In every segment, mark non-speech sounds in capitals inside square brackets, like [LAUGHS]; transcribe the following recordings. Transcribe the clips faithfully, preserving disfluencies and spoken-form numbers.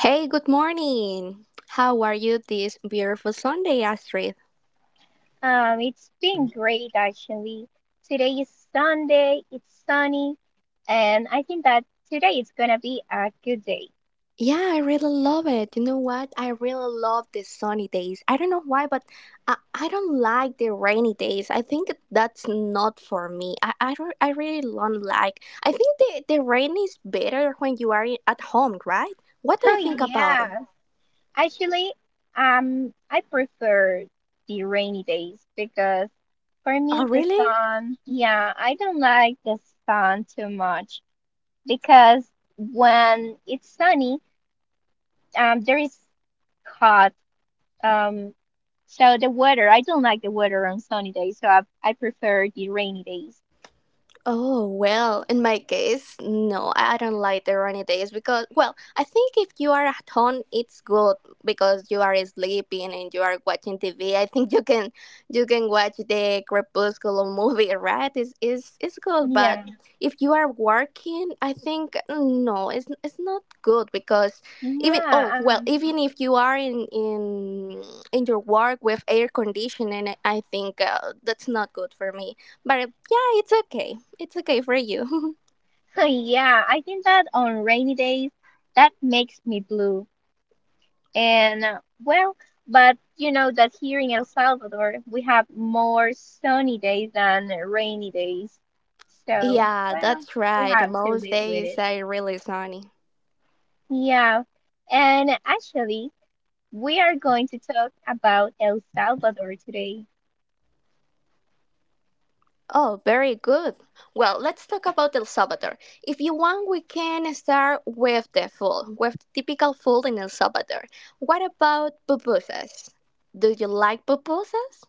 Hey, good morning. How are you this beautiful Sunday, Astrid? Um, it's been great actually. Today is Sunday, it's sunny, and I think that today is gonna be a good day. Yeah, I really love it. You know what? I really love the sunny days. I don't know why, but I, I don't like the rainy days. I think that's not for me. I, I, don't- I really don't like. I think the, the rain is better when you are in- at home, right? What do you Oh think about it? yeah. Actually, um, I prefer the rainy days because for Oh, me the really? sun, yeah, I don't like the sun too much because when it's sunny, um, there is hot. Um, so the weather, I don't like the weather on sunny days, so I I prefer the rainy days. Oh, well, in my case, no, I I don't like the rainy days because, well, I think if you are at home, it's good because you are sleeping and you are watching T V. I think you can you can watch the Crepuscular movie, right? It's, it's, it's good, but Yeah, if you are working, I think mm, no, it's, it's not good because even, yeah, oh, well, um, even if you are in in, in your work with air conditioning, I think uh, that's not good for me. But yeah, it's okay. It's okay for you. [LAUGHS] [LAUGHS] yeah. I think that on rainy days, that makes me blue. And uh, well, but you know that here in El Salvador, we have more sunny days than rainy days. So, Yeah, well, that's we right. have to Most live with days it. are really sunny. Yeah, and actually, we are going to talk about El Salvador today. Oh, very good. Well, let's talk about El Salvador. If you want, we can start with the food, with the typical food in El Salvador. What about pupusas? Do you like pupusas?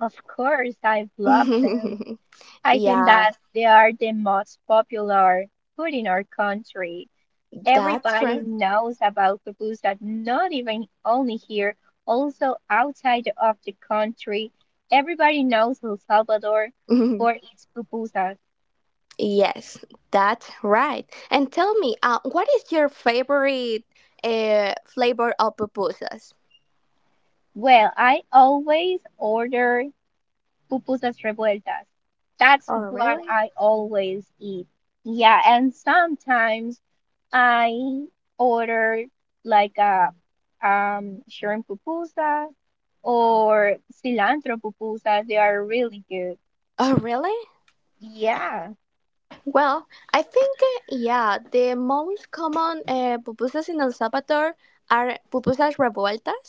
Of course, I've loved them. [LAUGHS] I think Yeah, that they are the most popular food in our country. that's Everybody right. knows about pupusas, not even only here, also outside of the country. Everybody knows El Salvador for [LAUGHS] its pupusas. Yes, that's right. And tell me, uh, what is your favorite uh, flavor of pupusas? Well, I always order pupusas revueltas. That's Oh, what really? I always eat. Yeah, and sometimes I order like a um, shrimp pupusas or cilantro pupusas. They are really good. Oh, really? Yeah. Well, I think, uh, yeah, the most common uh, pupusas in El Salvador are pupusas revueltas.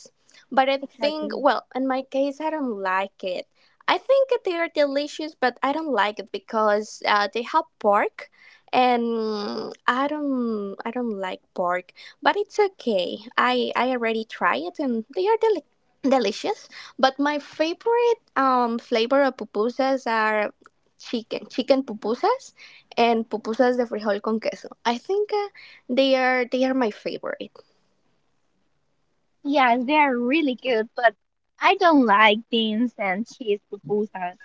But I think, Exactly. well, in my case, I don't like it. I think they are delicious, but I don't like it because uh, they have pork, and I don't, I don't like pork. But it's okay. I, I already try it, and they are deli- delicious. But my favorite um flavor of pupusas are chicken, chicken pupusas and pupusas de frijol con queso. I think uh, they are they are my favorite. Yes, they are really good, but I don't like beans and cheese pupusas.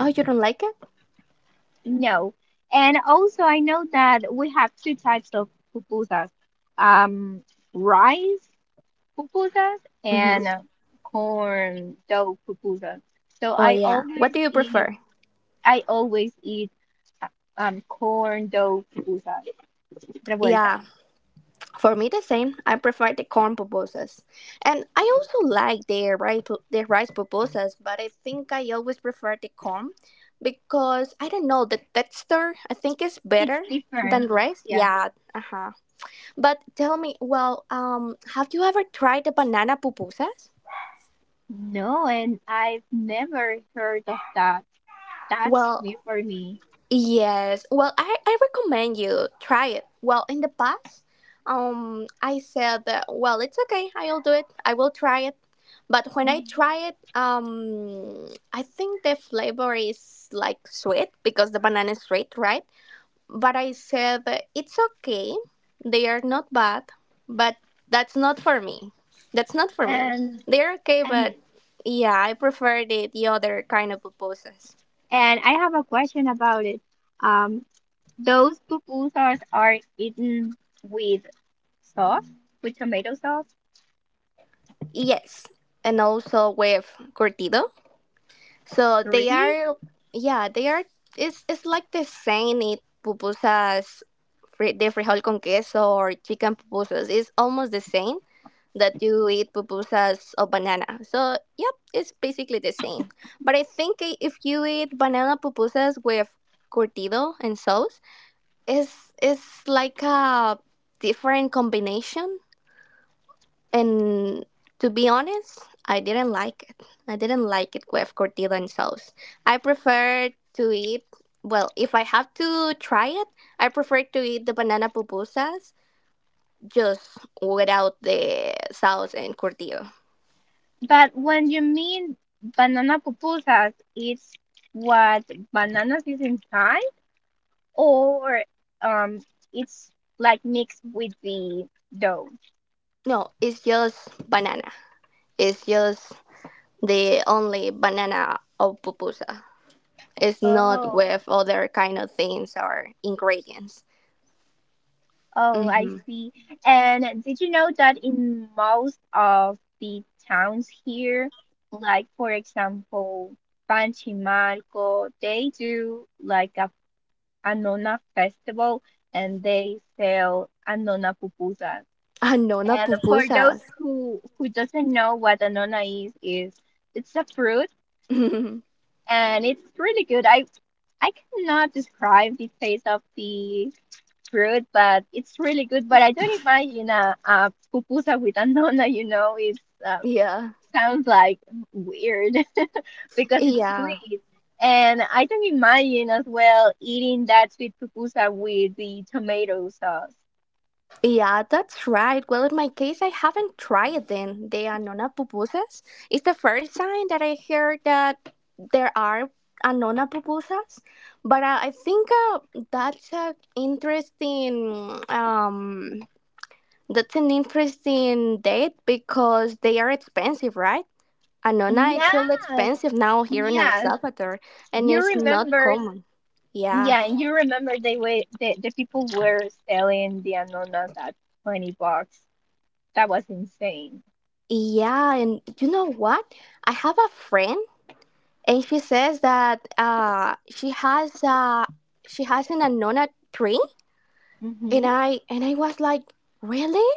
Oh, you don't like it? No. And also, I know that we have two types of pupusas, um, rice pupusas hmm and uh, corn dough pupusas. So Oh I yeah. What always do you eat prefer? I always eat uh, um corn dough pupusas revueltas. Yeah, for me the same. I prefer the corn pupusas, and I also like the rice pu- their rice pupusas. But I think I always prefer the corn because I don't know the texture. I think is better It's than different. rice. Yeah. Yeah. Uh huh. But tell me, well, um, have you ever tried the banana pupusas? No, and I've never heard of that. That's Well, new for me. yes. Well, I, I recommend you try it. Well, in the past, um, I said that, well, it's okay. I'll do it. I will try it. But when I Mhm. try it, um, I think the flavor is like sweet because the banana is sweet, right? But I said that it's okay. They are not bad, but that's not for me. That's not for me. And They're okay, and but yeah, I prefer the, the other kind of pupusas. and I have a question about it. Um, those pupusas are eaten with sauce, with tomato sauce. Yes, and also with curtido. So they Really? are, yeah, they are. It's it's like the same it pupusas, fri- the frijol con queso or chicken pupusas. It's almost the same that you eat pupusas or banana. So yep, it's basically the same. But I think i- if you eat banana pupusas with curtido and sauce, it's it's like a different combination and to be honest, I didn't like it. I didn't like it with tortilla and sauce. I prefer to eat, well, if I have to try it, I prefer to eat the banana pupusas just without the sauce and tortilla. But when you mean banana pupusas, it's what bananas is inside, or um, it's like mixed with the dough. No, it's just banana. It's just the only banana of pupusa. It's not Oh, with other kind of things or ingredients. oh, I Mm-hmm. [LAUGHS] see. And did you know that in most of the towns here, like for example, Panchimarco, they do like a Anona festival and they sell Anona pupusas. Ah, no, not And for those pupusas. who who doesn't know what anona is, is it's a fruit [LAUGHS] and it's really good. I I cannot describe the taste of the fruit, but it's really good. But I don't imagine a, a pupusa with anona. You know, it uh, Yeah. sounds like weird [LAUGHS] because it's Yeah, sweet. And I don't imagine as well eating that sweet pupusa with the tomato sauce. yeah, that's right. Well, in my case, I haven't tried them. The Anona pupusas. It's the first time that I heard that there are Anona pupusas, but uh, I think uh, that's a interesting. Um, that's an interesting date because they are expensive, right? Anona, it's really Yes, expensive now here in El yes. Salvador, and You it's not remember. common. Yeah. Yeah, and you remember they were the, the people were selling the Anonas at twenty bucks. That was insane. Yeah, and you know what? I have a friend and she says that uh, she has uh, she has an anona tree, and Mm-hmm. I and I was like, really?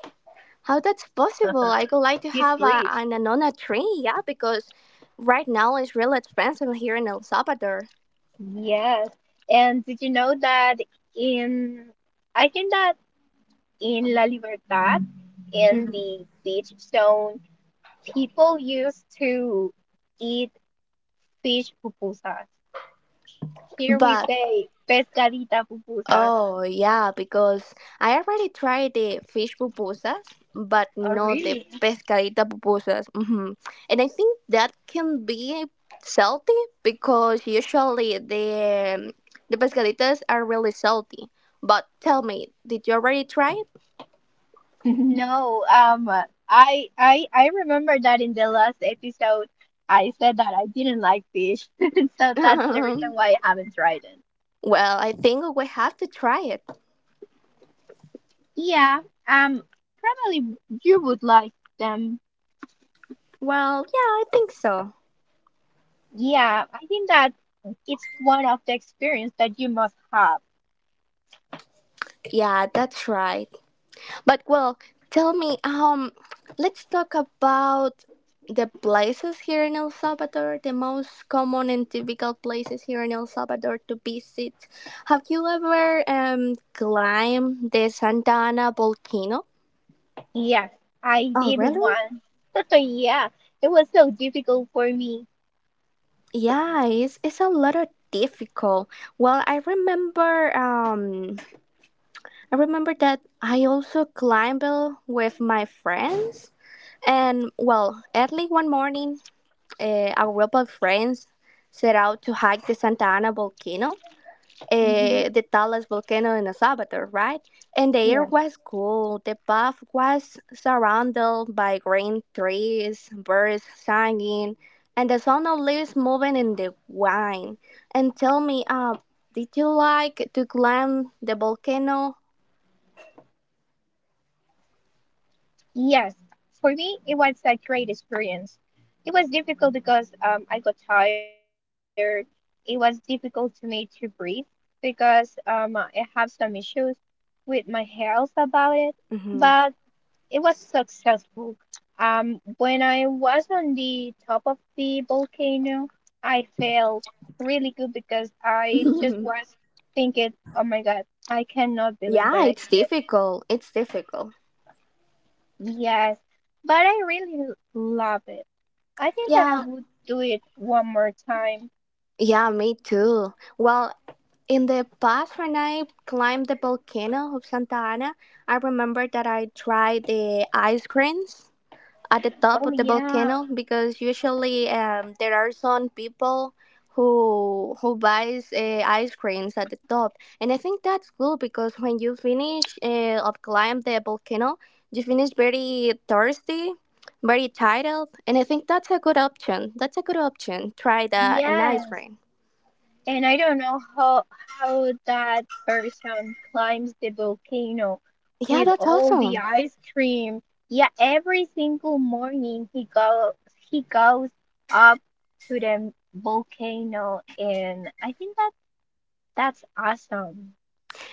How that's possible? [LAUGHS] I would like to He's have a, rich. an anona tree, yeah, because right now it's really expensive here in El Salvador. Yes. And did you know that in I think that in La Libertad, in Mhm. the beach zone, people used to eat fish pupusas. Here we But say pescadita pupusa. oh, yeah, because I already tried the fish pupusas, but Oh, not the really? pescadita pupusas. hmm And I think that can be salty because usually the the pescaditas are really salty. But tell me, did you already try it? [LAUGHS] No, um, I I I remember that in the last episode I said that I didn't like fish, [LAUGHS] so that's the [LAUGHS] reason why I haven't tried it. Well, I think we have to try it. Yeah, um, probably you would like them. Well, yeah, I think so. Yeah, I think that it's one of the experience that you must have. Yeah, that's right. But well, tell me, um, let's talk about the places here in El Salvador, the most common and typical places here in El Salvador to visit. Have you ever um climbed the Santa Ana volcano? Yes, I Oh, did really? once. [LAUGHS] So yeah, it was so difficult for me. Yeah, it's it's a lot of difficult. Well, I remember um I remember that I also climbed with my friends. And well, early one morning uh, a group of friends set out to hike the Santa Ana volcano, Hmm. uh, the tallest volcano in El Salvador, right? And the air was cool. The path was surrounded by green trees, birds singing, and the sound of leaves moving in the wine. And tell me, uh, did you like to climb the volcano? Yes, for me, it was a great experience. It was difficult because um, I got tired. It was difficult to me to breathe because um, I have some issues with my health about it, hmm but it was successful. Um, when I was on the top of the volcano, I felt really good because I just [LAUGHS] was thinking, oh my God, I cannot believe yeah, that I it's did it. difficult. It's difficult. Yes, but I really l- love it. I think that I Yeah, would do it one more time. yeah, me too. Well, in the past, when I climbed the volcano of Santa Ana, I remember that I tried the ice creams at the top Oh of the yeah, volcano because usually um, there are some people who who buys uh, ice creams at the top, and I think that's cool because when you finish uh, of climb the volcano, you finish very thirsty, very tired, and I think that's a good option. That's a good option. Try that an ice yes. cream. And I don't know how how that person climbs the volcano Yeah, with that's all the awesome. ice cream. Yeah, every single morning he goes he goes up to the volcano and I think that that's awesome.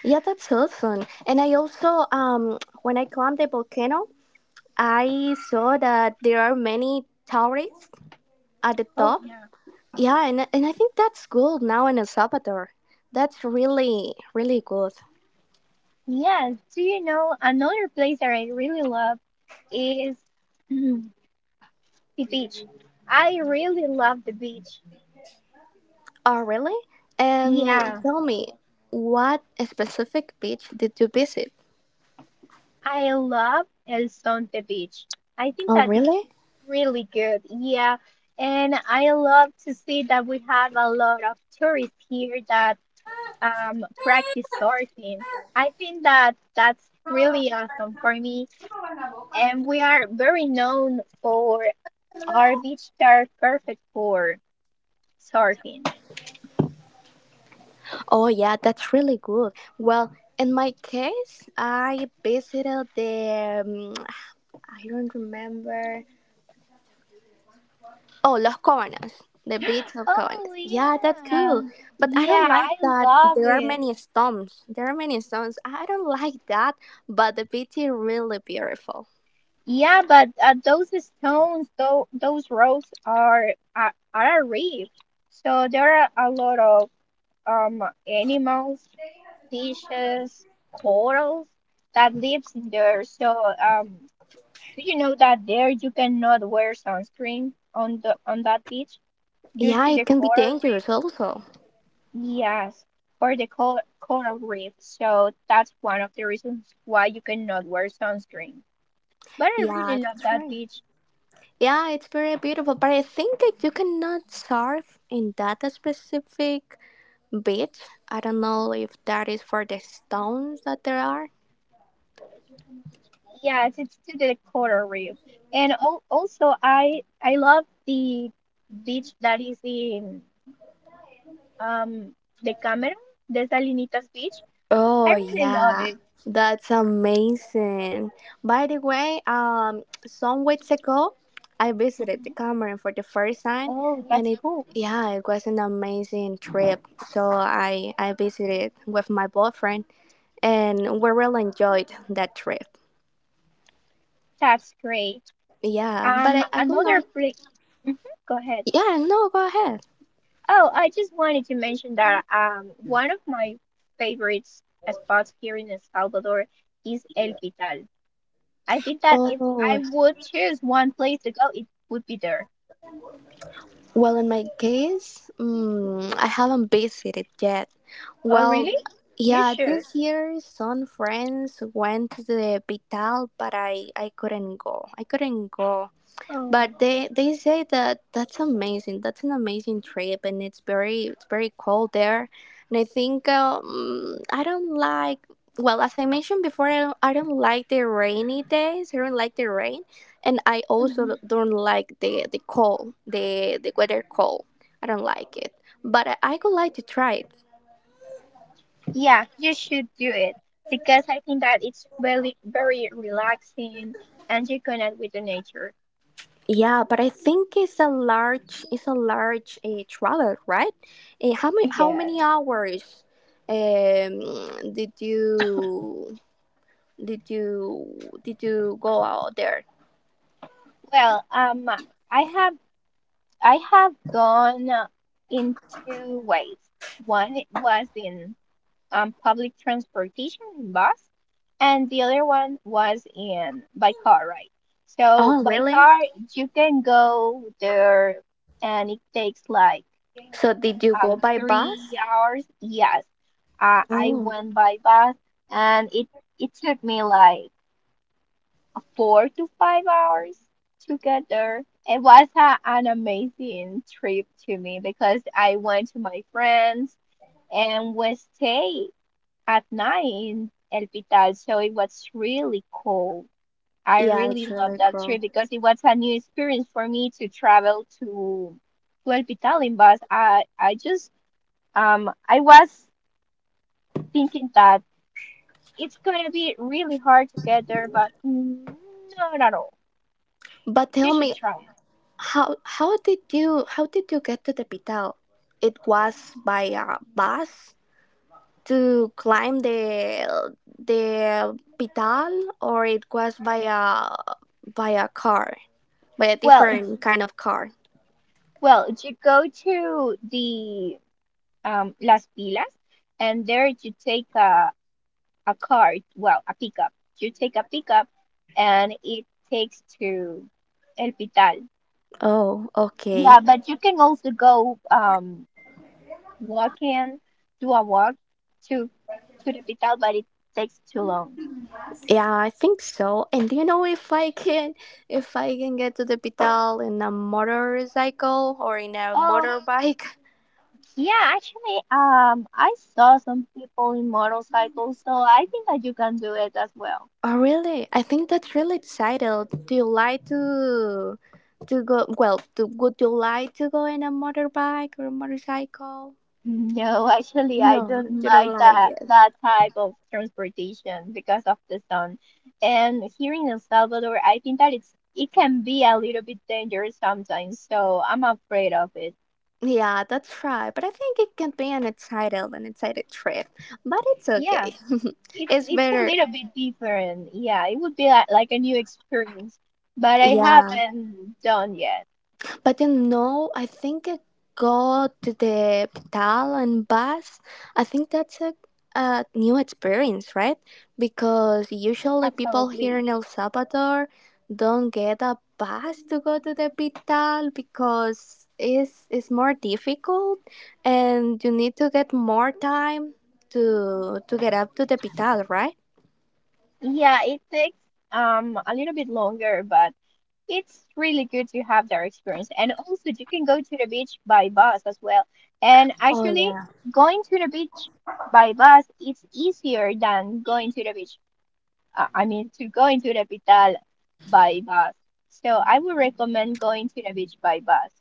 Yeah, that's awesome. And I also, um, when I climbed the volcano, I saw that there are many towers at the Oh top. yeah. Yeah, and, and I think that's good now in El Salvador. That's really, really good. Yes, do you know another place that I really love? Is [CLEARS THROAT] the beach. I really love the beach. Oh, really? Um, Yeah, Tell me, what specific beach did you visit? I love El Son de Beach. I think Oh, that it's really? really good. Yeah, and I love to see that we have a lot of tourists here that um, practice surfing. I think that that's really awesome for me. And we are very known for our beach that are perfect for surfing. Oh, yeah, that's really good. Well, in my case, I visited the, um, I don't remember. Oh, Los Cobanos, the beach of Cobanos. Oh Yeah, that's yeah, cool. But I don't yeah, like I that love there are it. many stones. There are many stones. I don't like that, but the beach is really beautiful. Yeah, but uh, those stones, though, those rocks are are, are a reef, so there are a lot of um animals, fishes, corals that lives in there. So um, do you know that there you cannot wear sunscreen on the on that beach due Yeah, to the it can be coral reef? dangerous also. Yes, or the col coral reef. So that's one of the reasons why you cannot wear sunscreen. But I really Yeah, love that's that right. beach. Yeah, it's very beautiful, but I think that you cannot surf in that specific beach. I don't know if that is for the stones that there are. Yes, it's to the coral reef. And al also I I love the beach that is in um the Cameron, the Salinitas Beach. I Oh really love yeah, it. that's amazing. By the way, um, some weeks ago, I visited the Mhm. Cameron for the first time, Oh, and that's it cool. yeah, it was an amazing trip. So I I visited with my boyfriend, and we really enjoyed that trip. That's great. Yeah, but Um, I, I could Another like place. Go ahead. yeah no go ahead. Oh, I just wanted to mention that um, one of my favorite spots here in El Salvador is El Pital. I think that if I Oh would choose one place to go, it would be there. well, in my case, mm, I haven't visited yet. Oh, Well, really? You yeah, should. this year some friends went to the Vital, but I I couldn't go. I couldn't go. But Oh. they they say that that's amazing. That's an amazing trip, and it's very it's very cold there. And I think um, I don't like. Well, as I mentioned before, I don't, I don't like the rainy days. I don't like the rain, and I also Mhm. don't like the the cold, the the weather cold. I don't like it. But I, I would like to try it. Yeah, you should do it because I think that it's really very relaxing and you connect with the nature. Yeah, but I think it's a large it's a large uh, travel, right? Uh, how many [LAUGHS] how Yeah. many hours um, did you did you did you go out there? Well, um, I have I have gone uh, in two ways. One was in um, public transportation in bus, and the other one was in by car, right? So Oh, by really? car, you can go there, and it takes like So did you go um by bus? three hours. Yes, uh, I Oh, went by bus, and it it took me like four to five hours to get there. It was a, an amazing trip to me because I went to my friends and we stayed at night in El Pital. So it was really cool. I yeah, really it's loved really that cool. trip because it was a new experience for me to travel to to El Pital in bus. I I just um I was thinking that it's gonna be really hard to get there, but mm, no, not at all. But You tell should me, try it. how how did you how did you get to the Pital? It was by a bus to climb the the Pital, or it was via via car, by a Well, if- different kind of car. well, if you go to the um Las Pilas, and there you take a a car, well, a pickup. You take a pickup and it takes to El Pital. Oh, Yeah, okay. but you can also go um walking, do a walk to to the Pital, but it takes too long. Yeah, I think so. And do you know if I can if I can get to the Pital in a motorcycle or in a Um, motorbike? [LAUGHS] yeah, actually, um, I saw some people in motorcycles, so I think that you can do it as well. Oh, really? I think that's really exciting. Do you like to to go? Well, to, would you like to go in a motorbike or a motorcycle? Mm, No, [LAUGHS] actually, I No, don't you don't like like that it. that type of transportation because of the sun. And here in El Salvador, I think that it's it can be a little bit dangerous sometimes, so I'm afraid of it. Yeah, that's right. But I think it can be an excited, an excited trip. But it's Yeah, okay. [LAUGHS] it's It's it's a better. little bit different. Yeah, it would be like, like a new experience, but I Yeah. haven't done yet. But you know, I think I go to the pedal and bus. I think that's a, a new experience, right? Because usually people here in Absolutely. El Salvador don't get a bus to go to the pedal because it's, it's more difficult and you need to get more time to to get up to the pedal, right? Yeah, it takes um a little bit longer, but it's really good to have that experience. And also, you can go to the beach by bus as well. And Oh actually, yeah. going to the beach by bus it's easier than going to the beach. Uh, I mean, to go into the capital by bus. So I would recommend going to the beach by bus.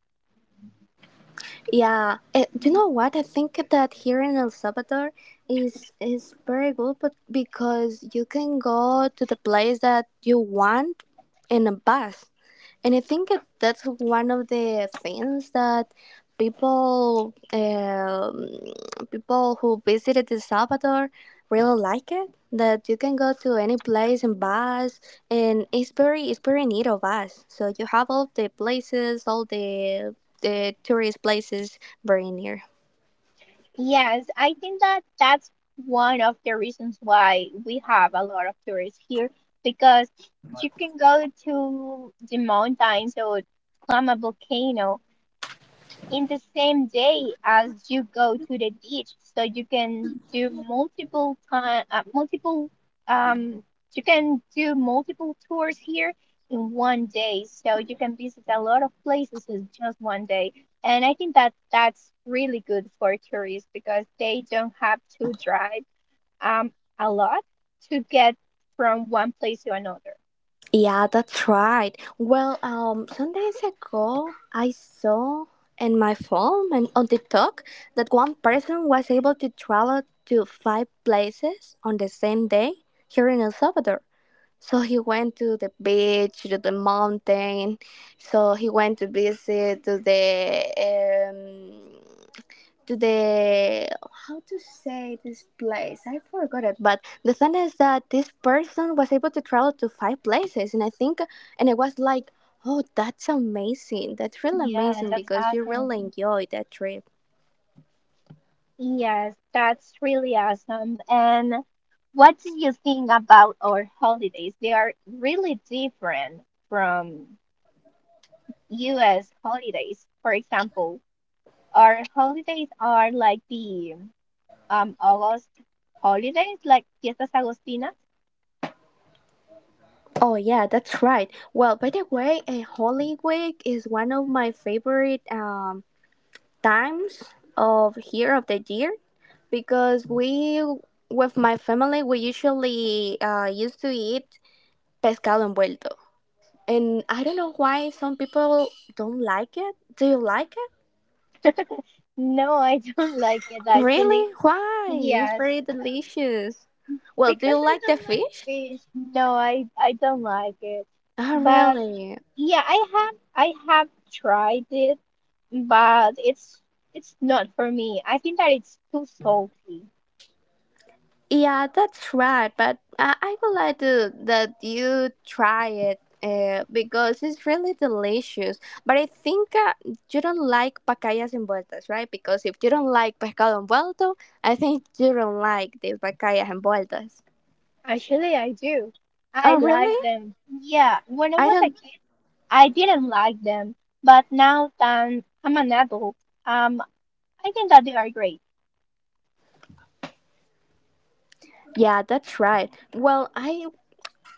Yeah, eh, do you know what? I think that here in El Salvador is is very good, but because you can go to the place that you want in a bus, and I think that that's one of the things that people um, people who visited El Salvador really like it. That you can go to any place in bus, and it's very it's very neat of us. So you have all the places, all the the tourist places very near. Yes, I think that that's one of the reasons why we have a lot of tourists here because you can go to the mountains or climb a volcano in the same day as you go to the beach, so you can do multiple time uh, multiple um you can do multiple tours here in one day, so you can visit a lot of places in just one day. And I think that that's really good for tourists because they don't have to drive um a lot to get from one place to another. Yeah, that's right. Well, um, some days ago, I saw in my phone and on TikTok that one person was able to travel to five places on the same day here in El Salvador. So he went to the beach, to the mountain. So he went to visit to the um, to the how to say this place I forgot it, but the thing is that this person was able to travel to five places, and I think and I was like, oh, that's amazing. That's really Yeah, amazing that's because you awesome. really enjoyed that trip. Yes, that's really awesome. And what do you think about our holidays? They are really different from U S holidays. For example, our holidays are like the um August holidays, like Fiestas Agostinas. Oh yeah, that's right. Well, by the way, a holy week is one of my favorite um, times of here of the year because we with my family we usually uh, used to eat pescado envuelto. And I don't know why some people don't like it. Do you like it? No, I don't [LAUGHS] like it actually. Really? Why? It's Yes, very delicious. Well, do you because I like the don't like fish? fish. No, I I don't like it. Oh, But really? yeah, I have I have tried it, but it's it's not for me. I think that it's too salty. Yeah, that's right. But I, I would like to, that you try it uh, because it's really delicious. But I think uh, you don't like pacayas envueltas, right? Because if you don't like pescado envuelto, I think you don't like the pacayas envueltas. Actually, I do. I Oh, really? like them. Yeah, when I I was a don't. kid, I didn't like them, but now that I'm an adult, um, I think that they are great. Yeah, that's right. Well, I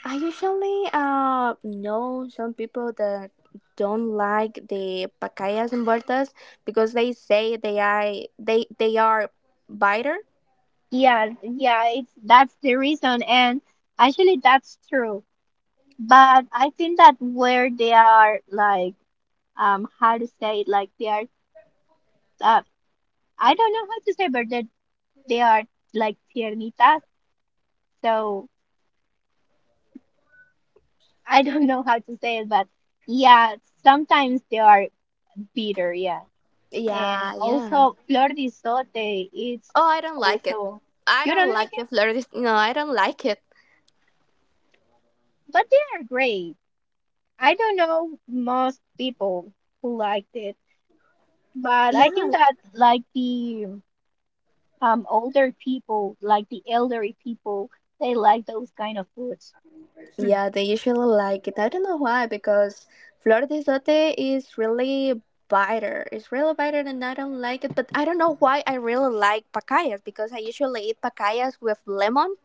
I usually uh know some people that don't like the pacayas and bertas because they say they are they they are bitter. Yeah, yeah, it's that's the reason, and actually that's true. But I think that where they are like, um, how to say it, like they are, uh, I don't know how to say, but they're they are like tiernitas. So I don't know how to say it, but yeah, sometimes they are bitter. Yeah. And Yeah, yeah. also flor de sote is Oh, I don't like it. also, I you don't don't like like the it, Florida. No, I don't like it. but they are great. I don't know most people who liked it, but I think that like the um older people, like the elderly people, they like those kind of foods [CLEARS THROAT] Yeah, they usually like it. I don't know why, because flor de sote is really bitter. It's really bitter, and I don't like it. But I don't know why I really like pacayas because I usually eat pacayas with lemon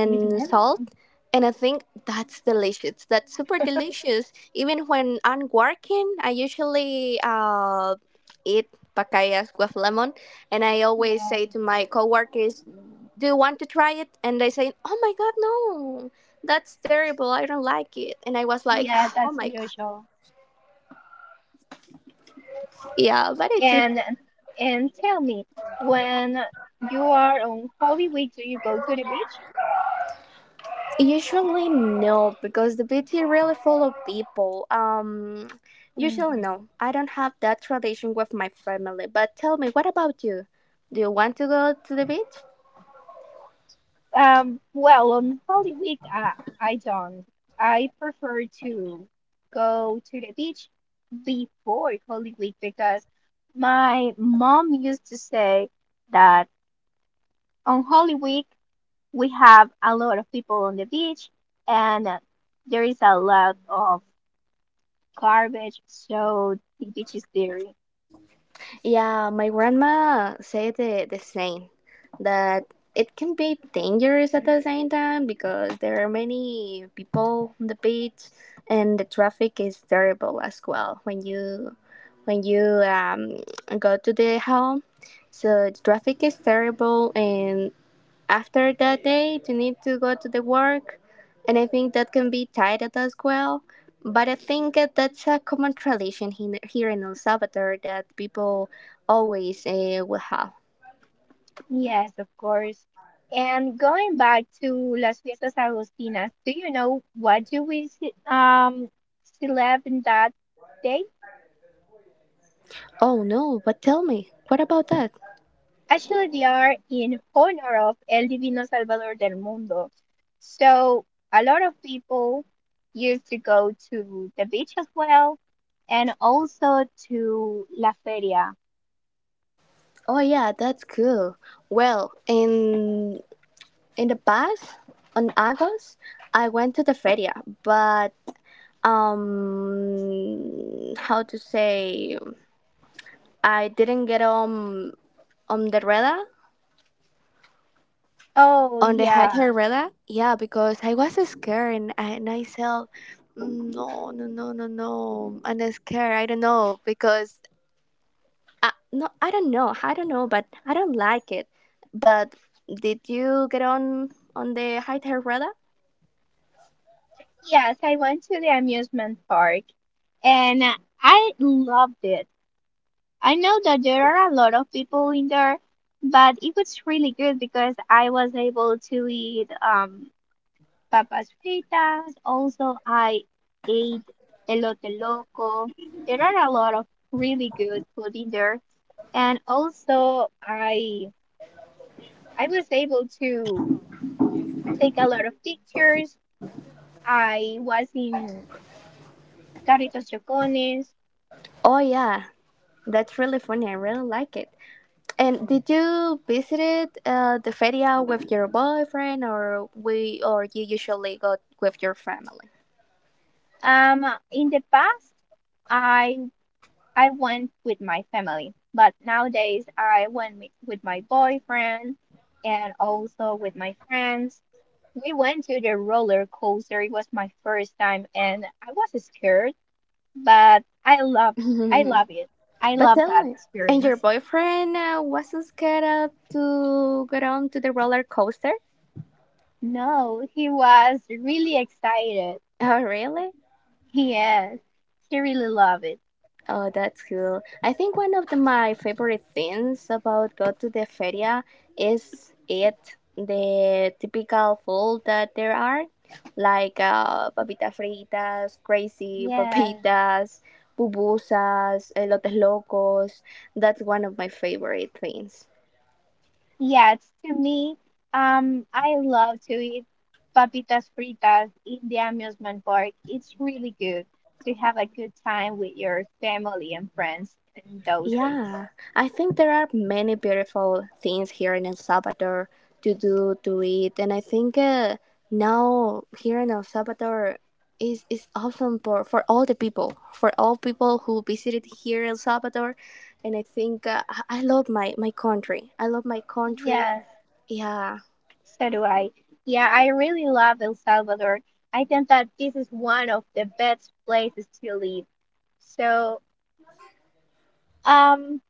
with salt. lemon. And I think that's delicious. That's super delicious. Even when I'm working, I usually uh, eat pacayas with lemon. And I always say Yeah, to my coworkers, "Do you want to try it?" And they say, "Oh my God, no. That's terrible. I don't like it." And I was like, yeah, oh that's my God. unusual. Yeah, but it's And and tell me, when you are on Holy Week, do you go to the beach? usually no, because the beach is really full of people. Um, usually Mhm. no. I don't have that tradition with my family. But tell me, what about you? Do you want to go to the beach? Um, well, on Holy Week, uh, I don't. I prefer to go to the beach before Holy Week because my mom used to say that on Holy Week we have a lot of people on the beach and there is a lot of garbage, so the beach is dirty. Yeah, my grandma said the, the same. That it can be dangerous at the same time because there are many people on the beach, and the traffic is terrible as well when you when you um, go to the home. So the traffic is terrible, and after that day, you need to go to the work, and I think that can be tired as well. But I think that that's a common tradition he- here in El Salvador that people always uh, will have. Yes, of course. And going back to Las Fiestas Agustinas, do you know what do we ce- um celeb in that day? Oh no, but tell me, what about that? Actually, they are in honor of El Divino Salvador del Mundo. So a lot of people used to go to the beach as well, and also to La Feria. Oh yeah, that's cool. Well, in in the past on August, I went to the feria, but um how to say I didn't get on on the radar, Oh on the yeah, hiker radar, yeah, because I was scared, and I, and I said, "Mm, no, no, no, no, no, I'm not scared, I don't know because I, no, I don't know, I don't know, but I don't like it." But did you get on on the hiker radar? yes, I went to the amusement park, and I loved it. I know that there are a lot of people in there, but it was really good because I was able to eat um papas fritas. Also, I ate elote loco. There are a lot of really good food in there, and also I I was able to take a lot of pictures. I was in Carritos Chocones. Oh yeah, that's really funny. I really like it. And did you visit uh, the feria with your boyfriend, or we, or you usually go with your family? Um, in the past, I I went with my family, but nowadays I went with with my boyfriend and also with my friends. We went to the roller coaster. It was my first time and I was scared, but I love I [LAUGHS] love it. I But love tell that me, and your experience. boyfriend uh, wasn't scared up to go on to the roller coaster? [LAUGHS] No, he was really excited. Oh, really? Yes, he really loved it. Oh, that's cool. I think one of the, my favorite things about go to the feria is it the typical food that there are, like uh, papitas fritas, crazy Yes. papitas, pupusas, elotes locos. That's one of my favorite things. Yes, to me, um, I love to eat papitas fritas in the amusement park. It's really good to have a good time with your family and friends in those days. Yeah, I think there are many beautiful things here in El Salvador to do, to eat, and I think uh, now here in El Salvador is is awesome for for all the people, for all people who visited here El Salvador, and I think uh, I I love my my country. I love my country. Yes, Yeah, so do I. Yeah, I really love El Salvador. I think that this is one of the best places to live. So, um,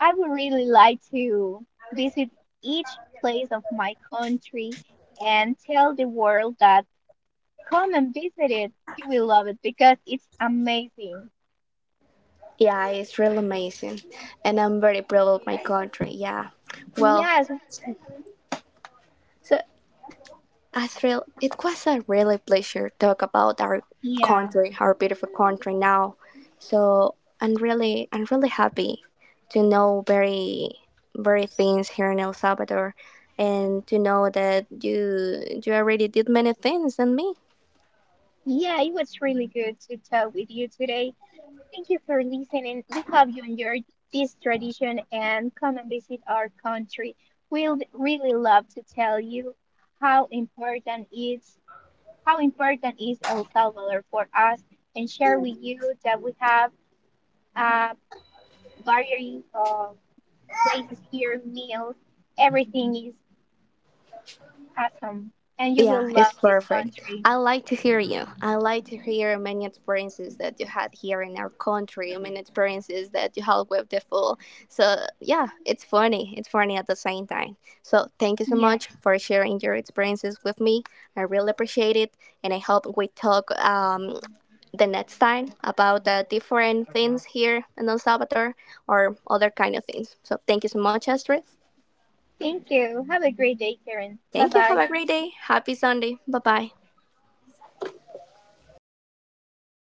I would really like to visit each place of my country and tell the world that. Come and visit it. You will love it because it's amazing. yeah, it's really amazing, and I'm very proud of my country. Yeah, well, Yes, so I thrill. It was a really pleasure talk about our yeah, country, our beautiful country now. So I'm really, I'm really happy to know very, very things here in El Salvador, and to know that you, you already did many things than me. yeah, it was really good to talk with you today. Thank you for listening. We hope you enjoyed this tradition and come and visit our country. We'll really love to tell you how important is how important is El Salvador for us and share with you that we have a variety of places here, meals, everything is awesome. And you Yeah, will love it's this perfect. country. I like to hear you. I like to hear many experiences that you had here in our country, many experiences that you had with the food. So, yeah, it's funny. It's funny at the same time. So, thank you so Yeah. much for sharing your experiences with me. I really appreciate it. And I hope we talk um, the next time about the different things here in El Salvador or other kind of things. So, thank you so much, Astrid. Thank you. Have a great day, Karen. Bye Thank you. Have bye. a great day. Happy Sunday. Bye bye.